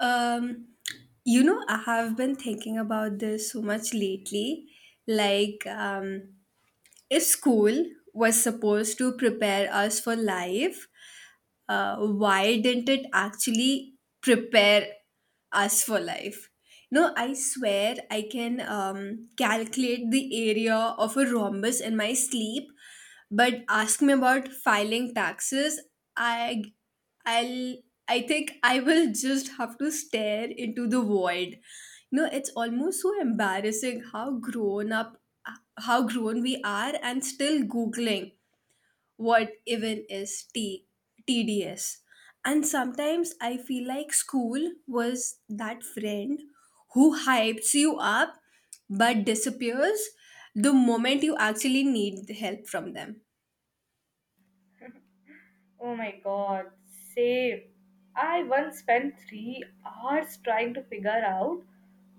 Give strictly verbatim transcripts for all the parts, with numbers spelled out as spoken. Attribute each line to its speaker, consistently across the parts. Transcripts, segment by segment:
Speaker 1: Um, you know, I have been thinking about this so much lately. Like, um, if school was supposed to prepare us for life, uh, why didn't it actually prepare us for life? No, I swear I can um, calculate the area of a rhombus in my sleep, but ask me about filing taxes, I I'll I think I will just have to stare into the void. You know, it's almost so embarrassing how grown up how grown we are and still googling what even is T TDS. And sometimes I feel like school was that friend who hypes you up but disappears the moment you actually need help from them.
Speaker 2: Oh my god, same. I once spent three hours trying to figure out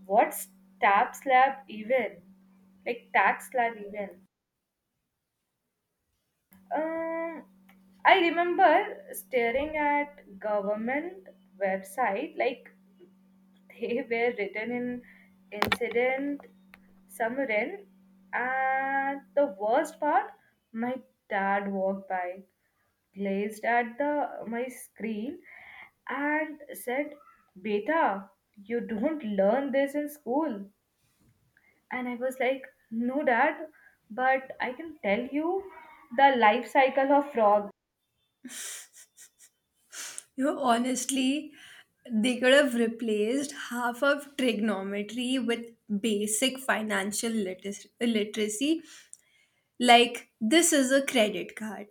Speaker 2: what's tab slab even, like tax slab even. Um, I remember staring at government website like they were written in incident Samarin. And the worst part, my dad walked by, glanced at the my screen, and said, Beta, you don't learn this in school. And I was like, No, dad, but I can tell you the life cycle of frog.
Speaker 1: You know, honestly, they could have replaced half of trigonometry with basic financial litis- literacy, like this is a credit card,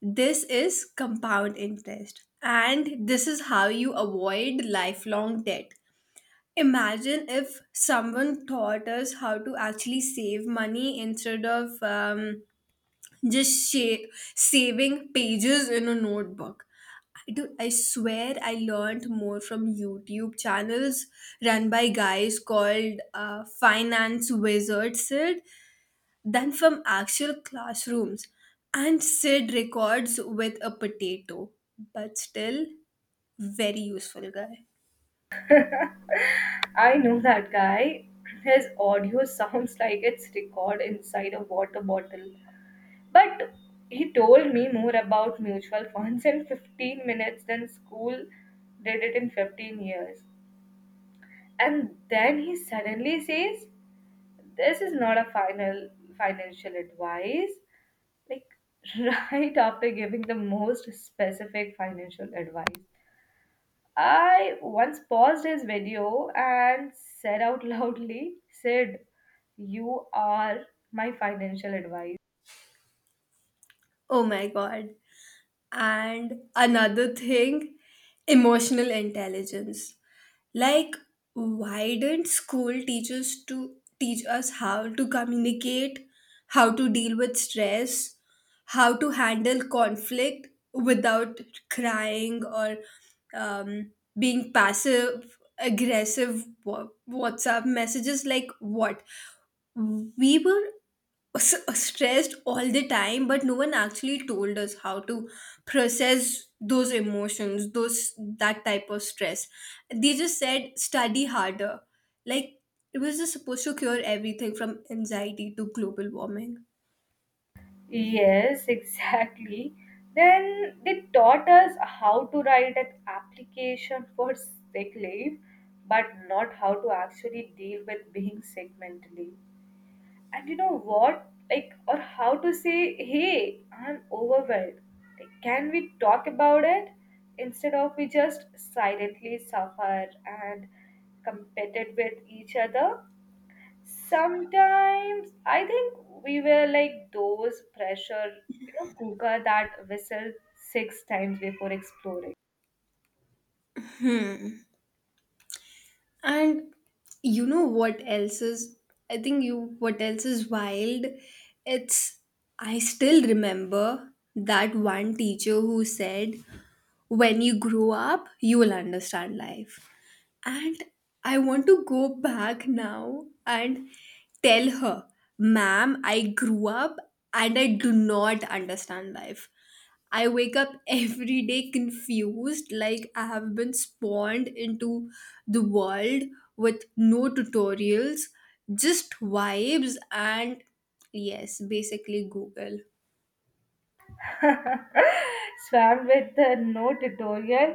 Speaker 1: this is compound interest, and this is how you avoid lifelong debt. Imagine if someone taught us how to actually save money instead of um, just sha- saving pages in a notebook. Dude, I swear I learned more from YouTube channels run by guys called uh, Finance Wizard Sid than from actual classrooms. And Sid records with a potato, but still very useful guy.
Speaker 2: I know that guy. His audio sounds like it's recorded inside a water bottle. But he told me more about mutual funds in fifteen minutes than school did it in fifteen years. And then he suddenly says, This is not a final financial advice. Like right after giving the most specific financial advice. I once paused his video and said out loudly, Sid, you are my financial advisor.
Speaker 1: Oh my god. And another thing, emotional intelligence. Like, why didn't school teach us to teach us how to communicate, how to deal with stress, how to handle conflict without crying or um, being passive aggressive wa- WhatsApp messages? Like, what? We were s- stressed all the time but no one actually told us how to process those emotions those that type of stress. They just said study harder, like it was just supposed to cure everything from anxiety to global warming.
Speaker 2: Yes, exactly. Then they taught us how to write an application for sick leave, but not how to actually deal with being sick mentally. And you know what? Like, or how to say, hey, I'm overwhelmed. Like, can we talk about it? Instead of we just silently suffer and compete with each other. Sometimes I think we were like those pressure, you know, cooker that whistle six times before exploring.
Speaker 1: And you know what else is, I think you what else is wild it's I still remember that one teacher who said when you grow up you will understand life. And I want to go back now and tell her, ma'am, I grew up and I do not understand life. I wake up every day confused, like I have been spawned into the world with no tutorials, just vibes, and yes, basically Google.
Speaker 2: Swam with the no tutorial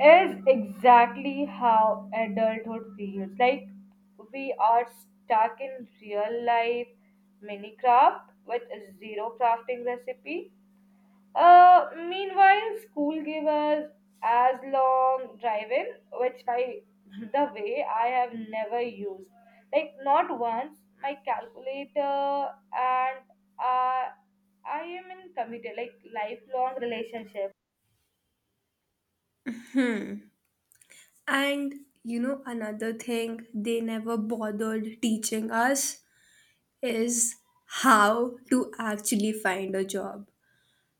Speaker 2: is exactly how adulthood feels. Like we are stuck in real life Minecraft with zero crafting recipe. Uh, meanwhile, school gave us as long drive-in, which by the way I have never used. Like not once. My calculator and uh, I am in committed like lifelong relationship.
Speaker 1: And you know, another thing they never bothered teaching us is how to actually find a job.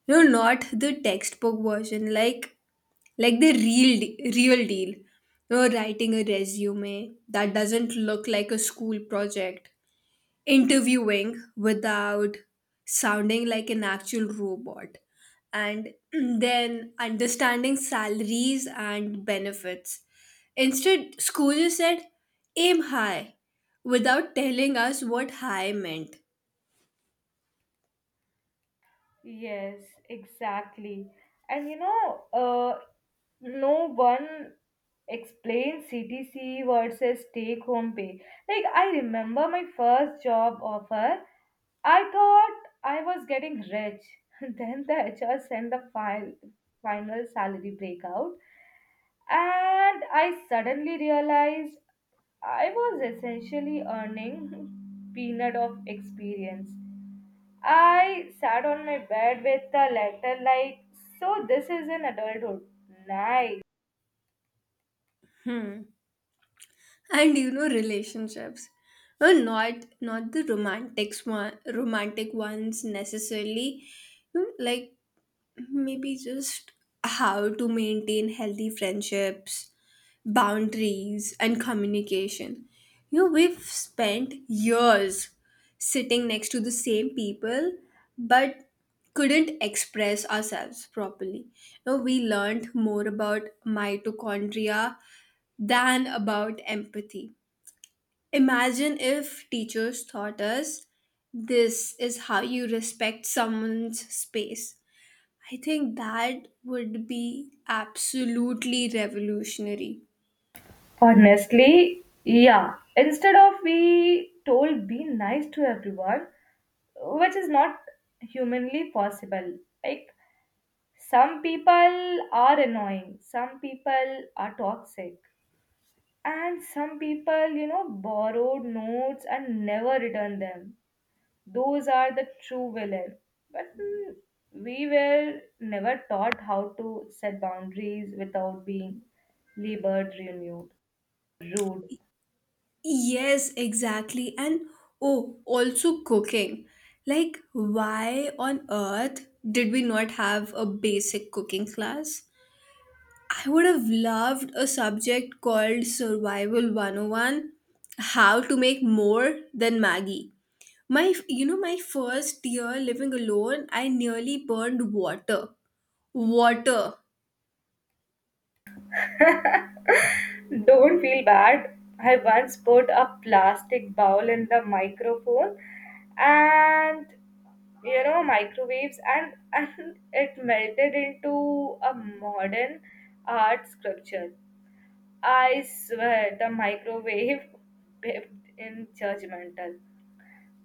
Speaker 1: No, not the textbook version, like like the real de- real deal. No, writing a resume that doesn't look like a school project. Interviewing without sounding like an actual robot. And then understanding salaries and benefits. Instead, school just said aim high without telling us what high meant.
Speaker 2: Yes, exactly. And you know, uh, no one explains C T C versus take home pay. Like, I remember my first job offer, I thought I was getting rich. Then the H R sent the file, final salary breakout, and I suddenly realized I was essentially earning peanut of experience. I sat on my bed with the letter like, so this is an adulthood. Nice.
Speaker 1: And you know, relationships, well, not not the romantic one romantic ones necessarily, you know, like maybe just how to maintain healthy friendships, boundaries and communication. You know, we've spent years sitting next to the same people but couldn't express ourselves properly. You know, we learned more about mitochondria than about empathy. Imagine if teachers taught us this is how you respect someone's space. I think that would be absolutely revolutionary.
Speaker 2: Honestly, yeah. Instead of we told be nice to everyone, which is not humanly possible. Like some people are annoying, some people are toxic, and some people, you know, borrowed notes and never return them. Those are the true villain, but mm, we were never taught how to set boundaries without being labored renewed rude.
Speaker 1: Yes, exactly. And oh, also cooking. Like, why on earth did we not have a basic cooking class? I would have loved a subject called Survival one oh one, How to Make More Than Maggie. My, you know, my first year living alone, I nearly burned water. Water.
Speaker 2: Don't feel bad. I once put a plastic bowl in the microphone and you know microwaves and and it melted into a modern art sculpture. I swear the microwave pipped in judgmental.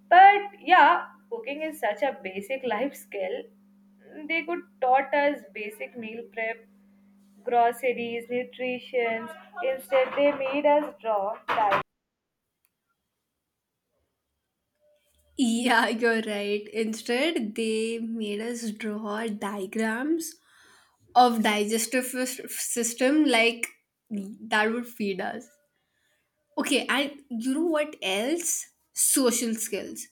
Speaker 2: But yeah, cooking is such a basic life skill. They could taught us basic meal prep, groceries, nutrition. Instead, they made us draw diet.
Speaker 1: Yeah, you're right. Instead, they made us draw diagrams of digestive sys- system, like that would feed us. Okay, and you know what else? Social skills.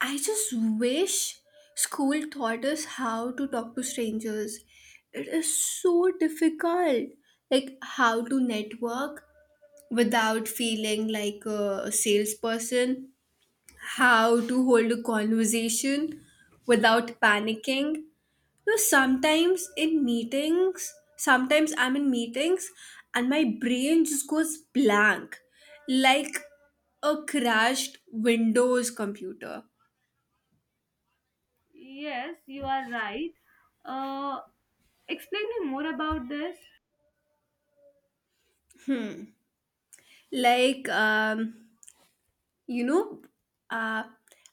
Speaker 1: I just wish school taught us how to talk to strangers. It is so difficult. Like how to network without feeling like a salesperson, how to hold a conversation without panicking. You know, sometimes in meetings, sometimes I'm in meetings and my brain just goes blank, like a crashed Windows computer.
Speaker 2: Yes, you are right. Uh, Explain me more about this.
Speaker 1: Like, um, you know, uh,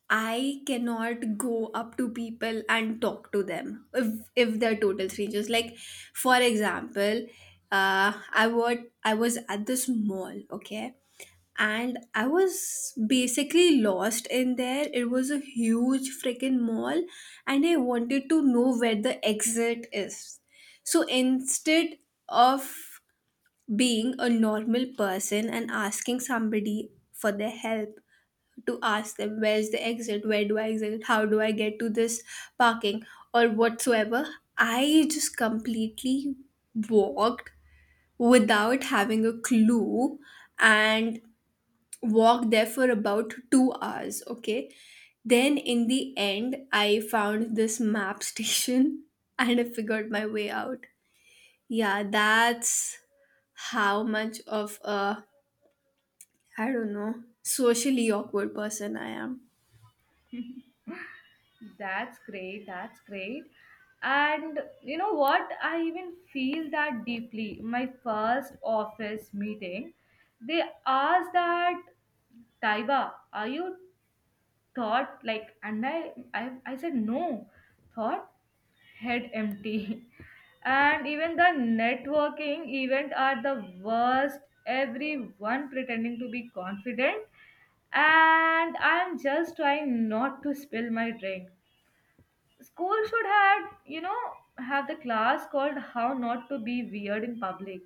Speaker 1: I cannot go up to people and talk to them if if they're total strangers. Like, for example, uh, i was I was at this mall, okay, and I was basically lost in there. It was a huge freaking mall, and I wanted to know where the exit is. So instead of being a normal person and asking somebody for their help, to ask them where's the exit, where do I exit, how do I get to this parking, or whatsoever. I just completely walked without having a clue and walked there for about two hours. Okay. Then in the end, I found this map station and I figured my way out. Yeah, that's how much of a, I don't know, socially awkward person I am.
Speaker 2: That's great. That's great. And you know what? I even feel that deeply. My first office meeting, they asked that Taiba, are you thought like and I I, I said no thought head empty. And even the networking event are the worst, everyone pretending to be confident and I'm just trying not to spill my drink. School should have, you know, have the class called how not to be weird in public.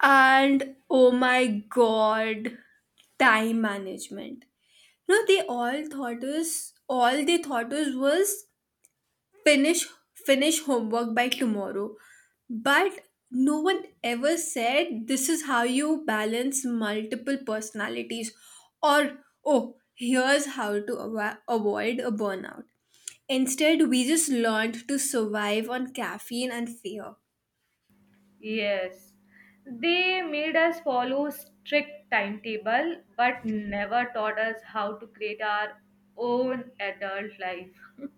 Speaker 1: And oh my god, time management. You know, they all thought us all they thought us was finish finish homework by tomorrow. But no one ever said this is how you balance multiple personalities, or oh, here's how to ava- avoid a burnout. Instead, we just learned to survive on caffeine and fear.
Speaker 2: Yes. They made us follow strict timetable but never taught us how to create our own adult life.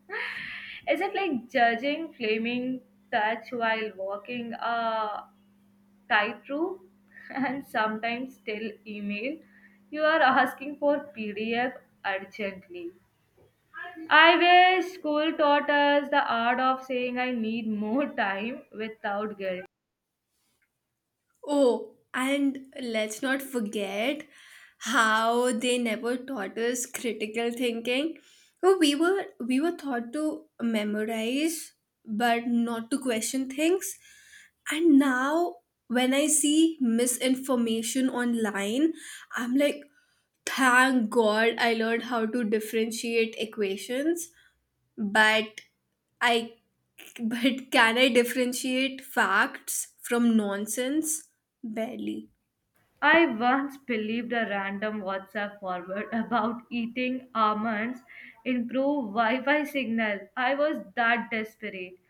Speaker 2: Is it like judging, flaming touch while walking a tightrope and sometimes still email? You are asking for P D F urgently. I wish school taught us the art of saying I need more time without guilt.
Speaker 1: Oh, and let's not forget how they never taught us critical thinking. Oh, we were we were taught to memorize but not to question things. And now when I see misinformation online, I'm like, thank God I learned how to differentiate equations, but I but can I differentiate facts from nonsense? Barely.
Speaker 2: I once believed a random WhatsApp forward about eating almonds improved Wi Fi signal. I was that desperate.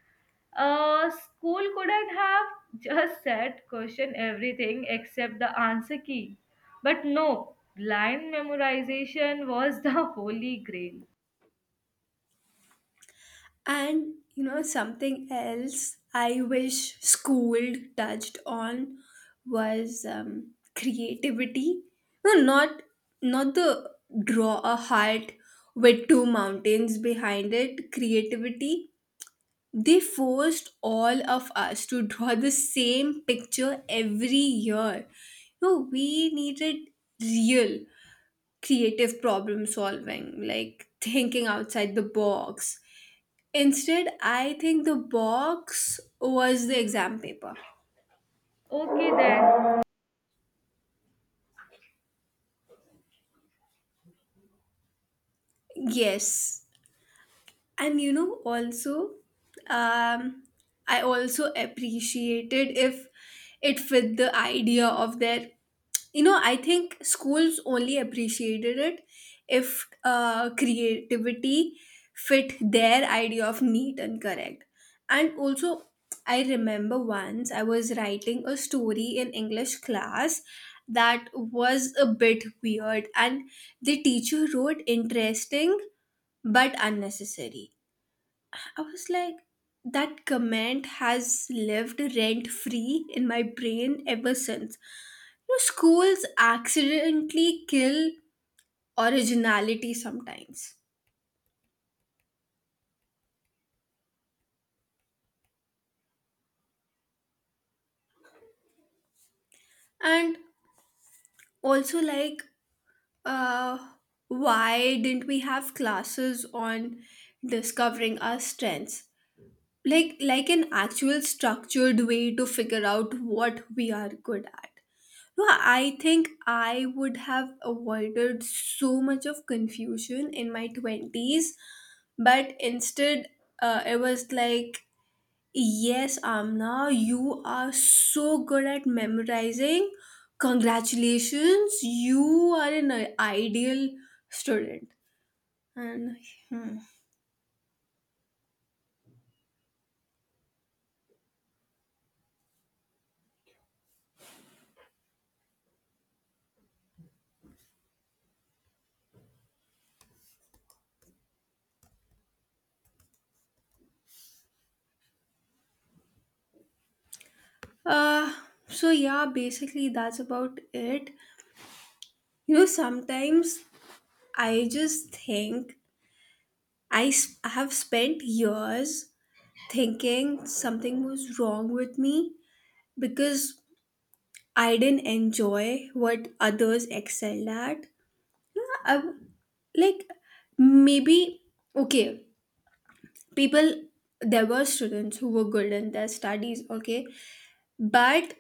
Speaker 2: Uh, school couldn't have just said question everything except the answer key. But no, blind memorization was the holy grail.
Speaker 1: And you know, something else I wish school touched on was um, creativity. No, not not the draw a heart with two mountains behind it creativity. They forced all of us to draw the same picture every year. No, we needed real creative problem solving, like thinking outside the box. Instead, I think the box was the exam paper.
Speaker 2: Okay then.
Speaker 1: Yes, and you know also, um, I also appreciated if it fit the idea of their you know, I think schools only appreciated it if uh, creativity fit their idea of neat and correct. And also, I remember once I was writing a story in English class that was a bit weird, and the teacher wrote interesting but unnecessary. I was like, that comment has lived rent free in my brain ever since. You know, schools accidentally kill originality sometimes. And also, like, uh, why didn't we have classes on discovering our strengths? Like, like an actual structured way to figure out what we are good at. No, I think I would have avoided so much of confusion in my twenties, but instead, uh, it was like, yes, Amna, you are so good at memorizing. Congratulations, you are an uh, ideal student. And hmm. uh, so, yeah, basically, that's about it. You know, sometimes I just think I s- have spent years thinking something was wrong with me because I didn't enjoy what others excelled at. Yeah, I w- like maybe, okay, people, there were students who were good in their studies, okay, but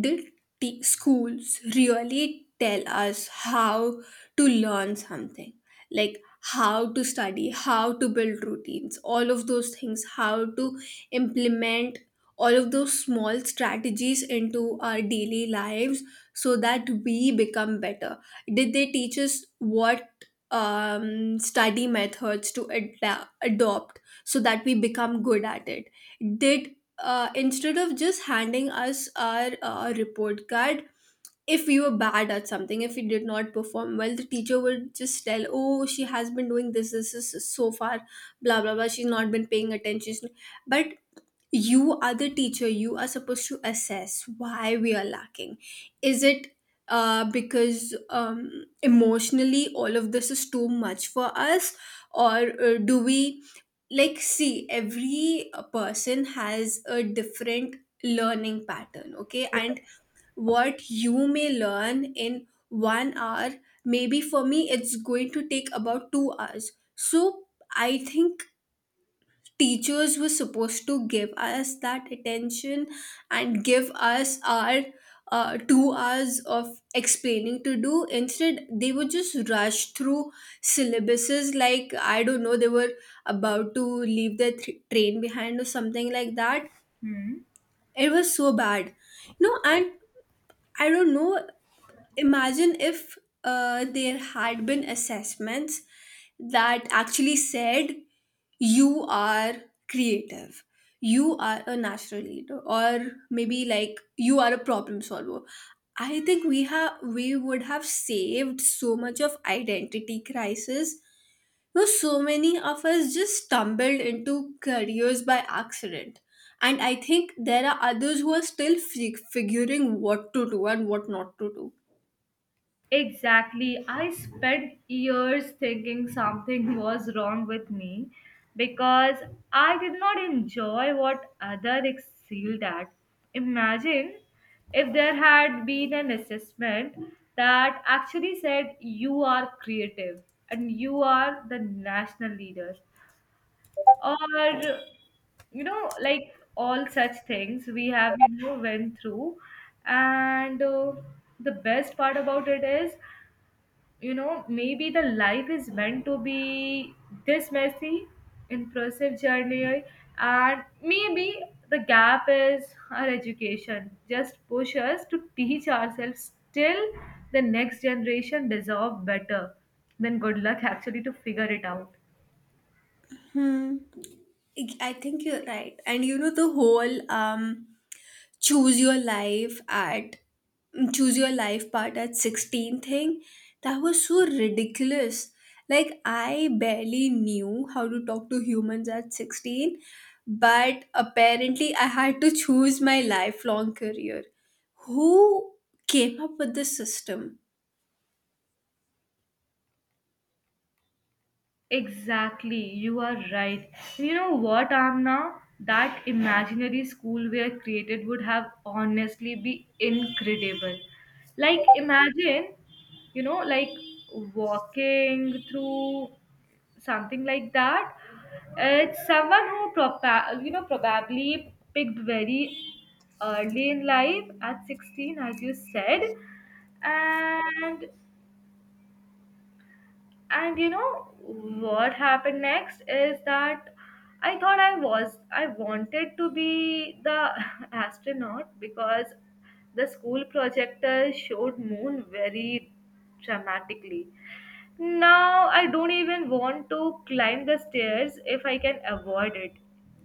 Speaker 1: did t- schools really tell us how to learn something? Like how to study, how to build routines, all of those things, how to implement all of those small strategies into our daily lives so that we become better. Did they teach us what um, study methods to ad- adopt so that we become good at it? Did, uh, instead of just handing us our uh, report card, if we were bad at something, if we did not perform well, the teacher would just tell, oh, she has been doing this this, this so far, blah blah blah, she's not been paying attention. But you are the teacher, you are supposed to assess why we are lacking. Is it uh, because um, emotionally all of this is too much for us? Or uh, do we, like, see every uh, person has a different learning pattern, okay, and what you may learn in one hour, maybe for me it's going to take about two hours. So I think teachers were supposed to give us that attention and give us our uh, two hours of explaining to do. Instead they would just rush through syllabuses, like I don't know, they were about to leave their th- train behind or something like that.
Speaker 2: Hmm.
Speaker 1: It was so bad, you know, and I don't know. Imagine if uh, there had been assessments that actually said you are creative, you are a natural leader, or maybe like you are a problem solver. I think we have we would have saved so much of identity crisis. You know, so many of us just stumbled into careers by accident, and I think there are others who are still fi- figuring what to do and what not to do.
Speaker 2: Exactly. I spent years thinking something was wrong with me because I did not enjoy what other excelled at. Imagine if there had been an assessment that actually said you are creative and you are the national leader, or you know like all such things we have you know went through. And uh, the best part about it is you know maybe the life is meant to be this messy impressive journey, and maybe the gap is our education just push us to teach ourselves till the next generation deserve better, then good luck actually to figure it out.
Speaker 1: Hmm. I think you're right. And you know the whole um choose your life at choose your life part at sixteen thing, that was so ridiculous. Like I barely knew how to talk to humans at sixteen, but apparently I had to choose my lifelong career. Who came up with this system?
Speaker 2: Exactly, you are right. And you know what, Amna? That imaginary school we are created would have honestly be incredible. Like, imagine, you know, like walking through something like that. It's someone who, propa- you know, probably picked very early in life at sixteen, as you said. And and you know what happened next is that I thought I was I wanted to be the astronaut because the school projector showed moon very dramatically. Now I don't even want to climb the stairs if I can avoid it.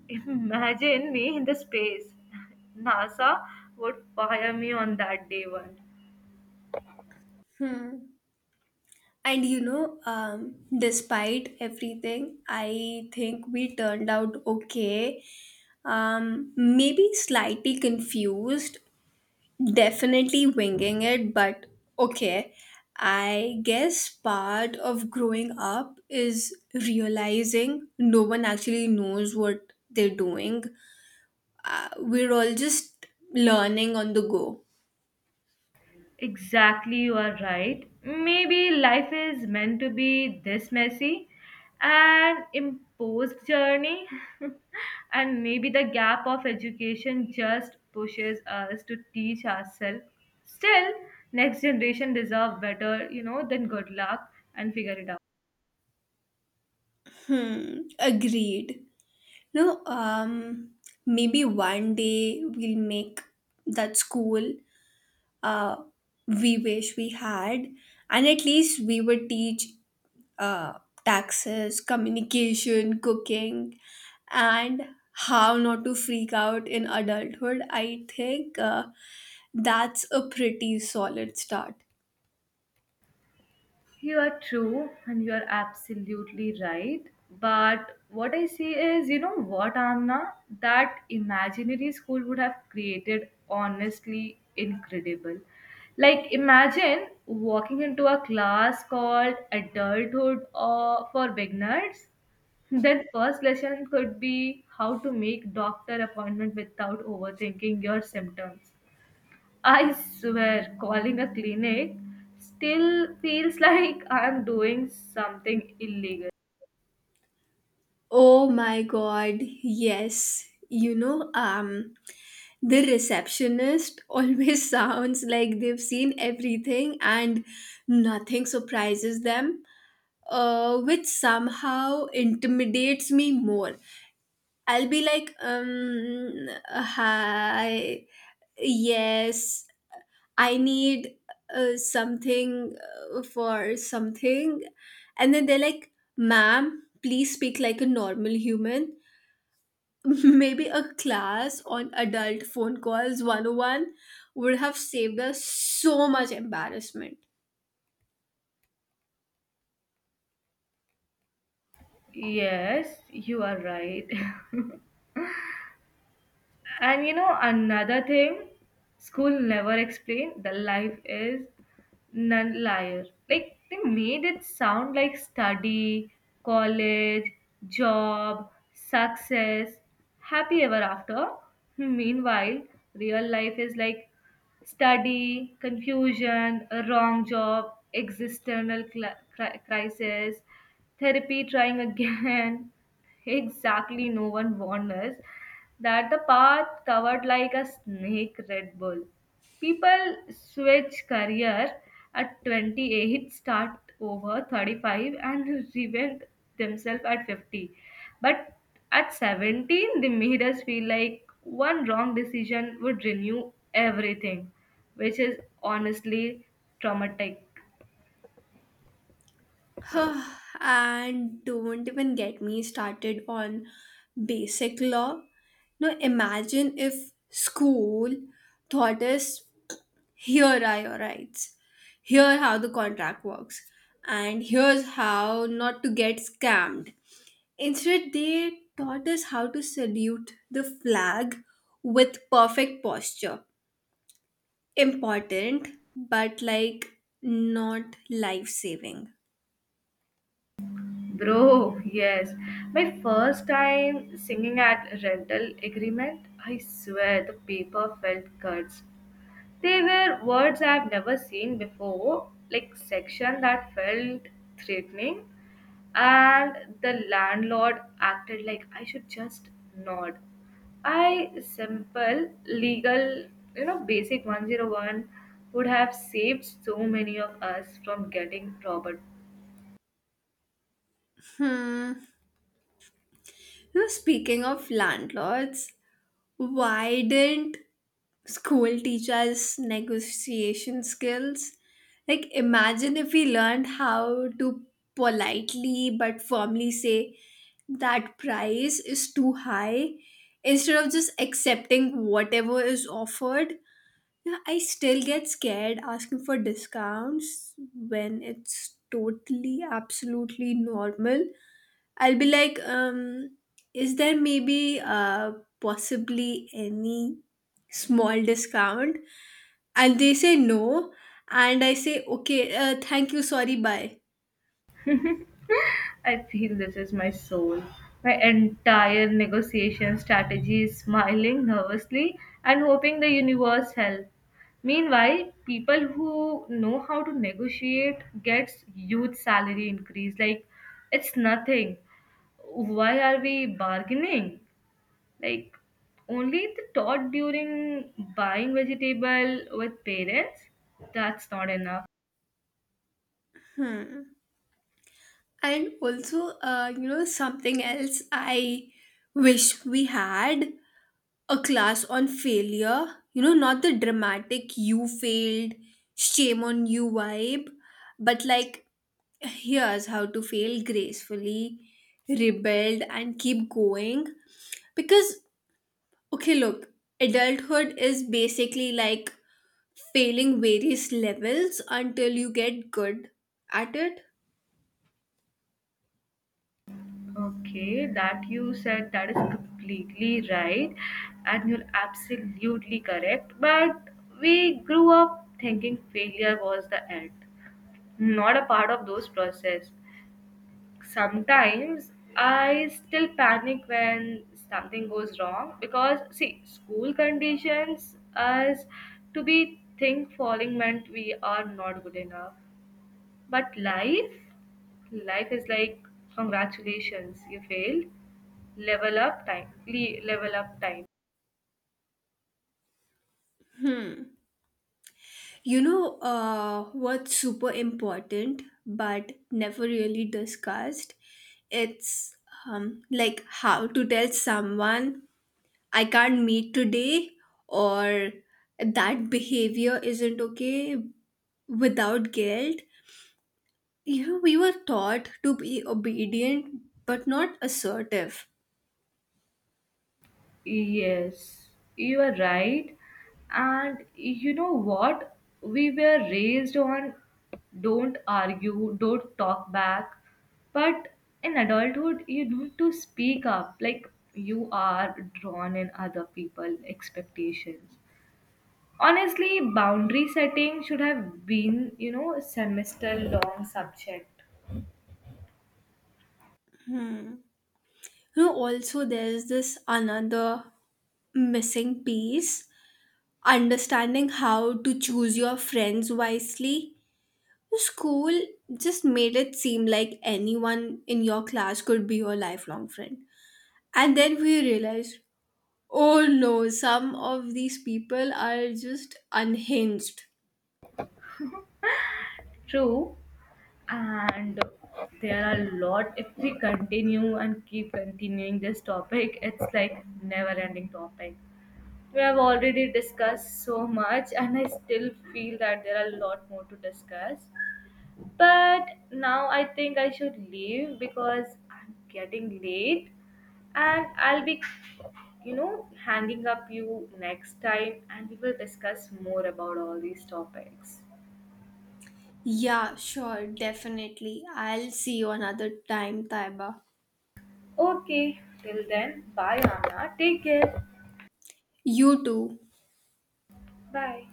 Speaker 2: Imagine me in the space. NASA would fire me on that day one.
Speaker 1: And you know, um, despite everything, I think we turned out okay. Um, maybe slightly confused, definitely winging it, but okay. I guess part of growing up is realizing no one actually knows what they're doing. Uh, we're all just learning on the go.
Speaker 2: Exactly, you are right. Maybe life is meant to be this messy, an imposed journey, and maybe the gap of education just pushes us to teach ourselves. Still, next generation deserve better, you know, than good luck and figure it out.
Speaker 1: Hmm, agreed. No, um, maybe one day we'll make that school uh, we wish we had, and at least we would teach uh, taxes, communication, cooking, and how not to freak out in adulthood. I think uh, that's a pretty solid start.
Speaker 2: You are true and you are absolutely right. But what I see is, you know what, Amna? That imaginary school would have created honestly incredible. Like, imagine walking into a class called Adulthood or for Beginners. Then first lesson could be how to make doctor appointment without overthinking your symptoms. I swear, calling a clinic still feels like I'm doing something illegal.
Speaker 1: Oh my god, yes. You know, um, the receptionist always sounds like they've seen everything and nothing surprises them, uh, which somehow intimidates me more. I'll be like, um, hi, yes, I need uh, something uh, for something. And then they're like, ma'am, please speak like a normal human. Maybe a class on adult phone calls one oh one would have saved us so much embarrassment.
Speaker 2: Yes, you are right. And you know, another thing, school never explained the life is non liar. Like they made it sound like study, college, job, success, happy ever after. Meanwhile, real life is like study, confusion, a wrong job, existential cli- cri- crisis, therapy trying again. Exactly, no one warned us that the path covered like a snake Red Bull. People switch career at twenty-eight, start over thirty-five, and reinvent themselves at fifty. But at seventeen, they made us feel like one wrong decision would renew everything, which is honestly traumatic.
Speaker 1: And don't even get me started on basic law. Now imagine if school taught us here are your rights, here how the contract works, and here's how not to get scammed. Instead, they taught us how to salute the flag with perfect posture. Important, but like not life saving.
Speaker 2: Bro, yes. My first time singing at rental agreement, I swear the paper felt cuts. They were words I've never seen before, like section that felt threatening, and the landlord acted like I should just nod. I simple legal, you know, basic one oh one would have saved so many of us from getting proper.
Speaker 1: Hmm. You know, speaking of landlords, why didn't school teaches negotiation skills. Like, imagine if we learned how to politely but firmly say that price is too high instead of just accepting whatever is offered. Yeah, I still get scared asking for discounts when it's totally, absolutely normal. I'll be like, um, is there maybe uh, possibly any small discount? And they say no. And I say, okay, uh, thank you, sorry, bye.
Speaker 2: I feel this is my soul. My entire negotiation strategy is smiling nervously and hoping the universe help. Meanwhile, people who know how to negotiate gets huge salary increase. Like it's nothing. Why are we bargaining? Like only the thought during buying vegetable with parents, that's not enough.
Speaker 1: Hmm. And also, uh, you know, something else I wish we had, a class on failure. You know, not the dramatic you failed, shame on you vibe, but like here's how to fail gracefully, rebelled, and keep going. Because, okay, look, adulthood is basically like failing various levels until you get good at it.
Speaker 2: Okay, that you said that is completely right, and you're absolutely correct. But we grew up thinking failure was the end, not a part of those process. Sometimes I still panic when something goes wrong because see, school conditions us to be think falling meant we are not good enough, but life, life is like congratulations, you failed. Level up time. Le- level up time.
Speaker 1: You know, uh, what's super important but never really discussed? It's um, like how to tell someone I can't meet today, or that behavior isn't okay without guilt. You know, we were taught to be obedient but not assertive.
Speaker 2: Yes, you are right. And you know what? We were raised on don't argue, don't talk back. But in adulthood, you need to speak up. Like you are drawn in other people' expectations. Honestly, boundary setting should have been, you know, a semester long subject.
Speaker 1: You know, also there's this another missing piece, understanding how to choose your friends wisely. School just made it seem like anyone in your class could be your lifelong friend. And then we realized, oh no, some of these people are just unhinged.
Speaker 2: True. And there are a lot if we continue and keep continuing this topic, it's like never ending topic. We have already discussed so much and I still feel that there are a lot more to discuss. But now I think I should leave because I'm getting late and I'll be, you know, hanging up you next time and we will discuss more about all these topics.
Speaker 1: Yeah, sure, definitely. I'll see you another time, Taiba.
Speaker 2: Okay, till then, bye Anna. Take care.
Speaker 1: You too.
Speaker 2: Bye.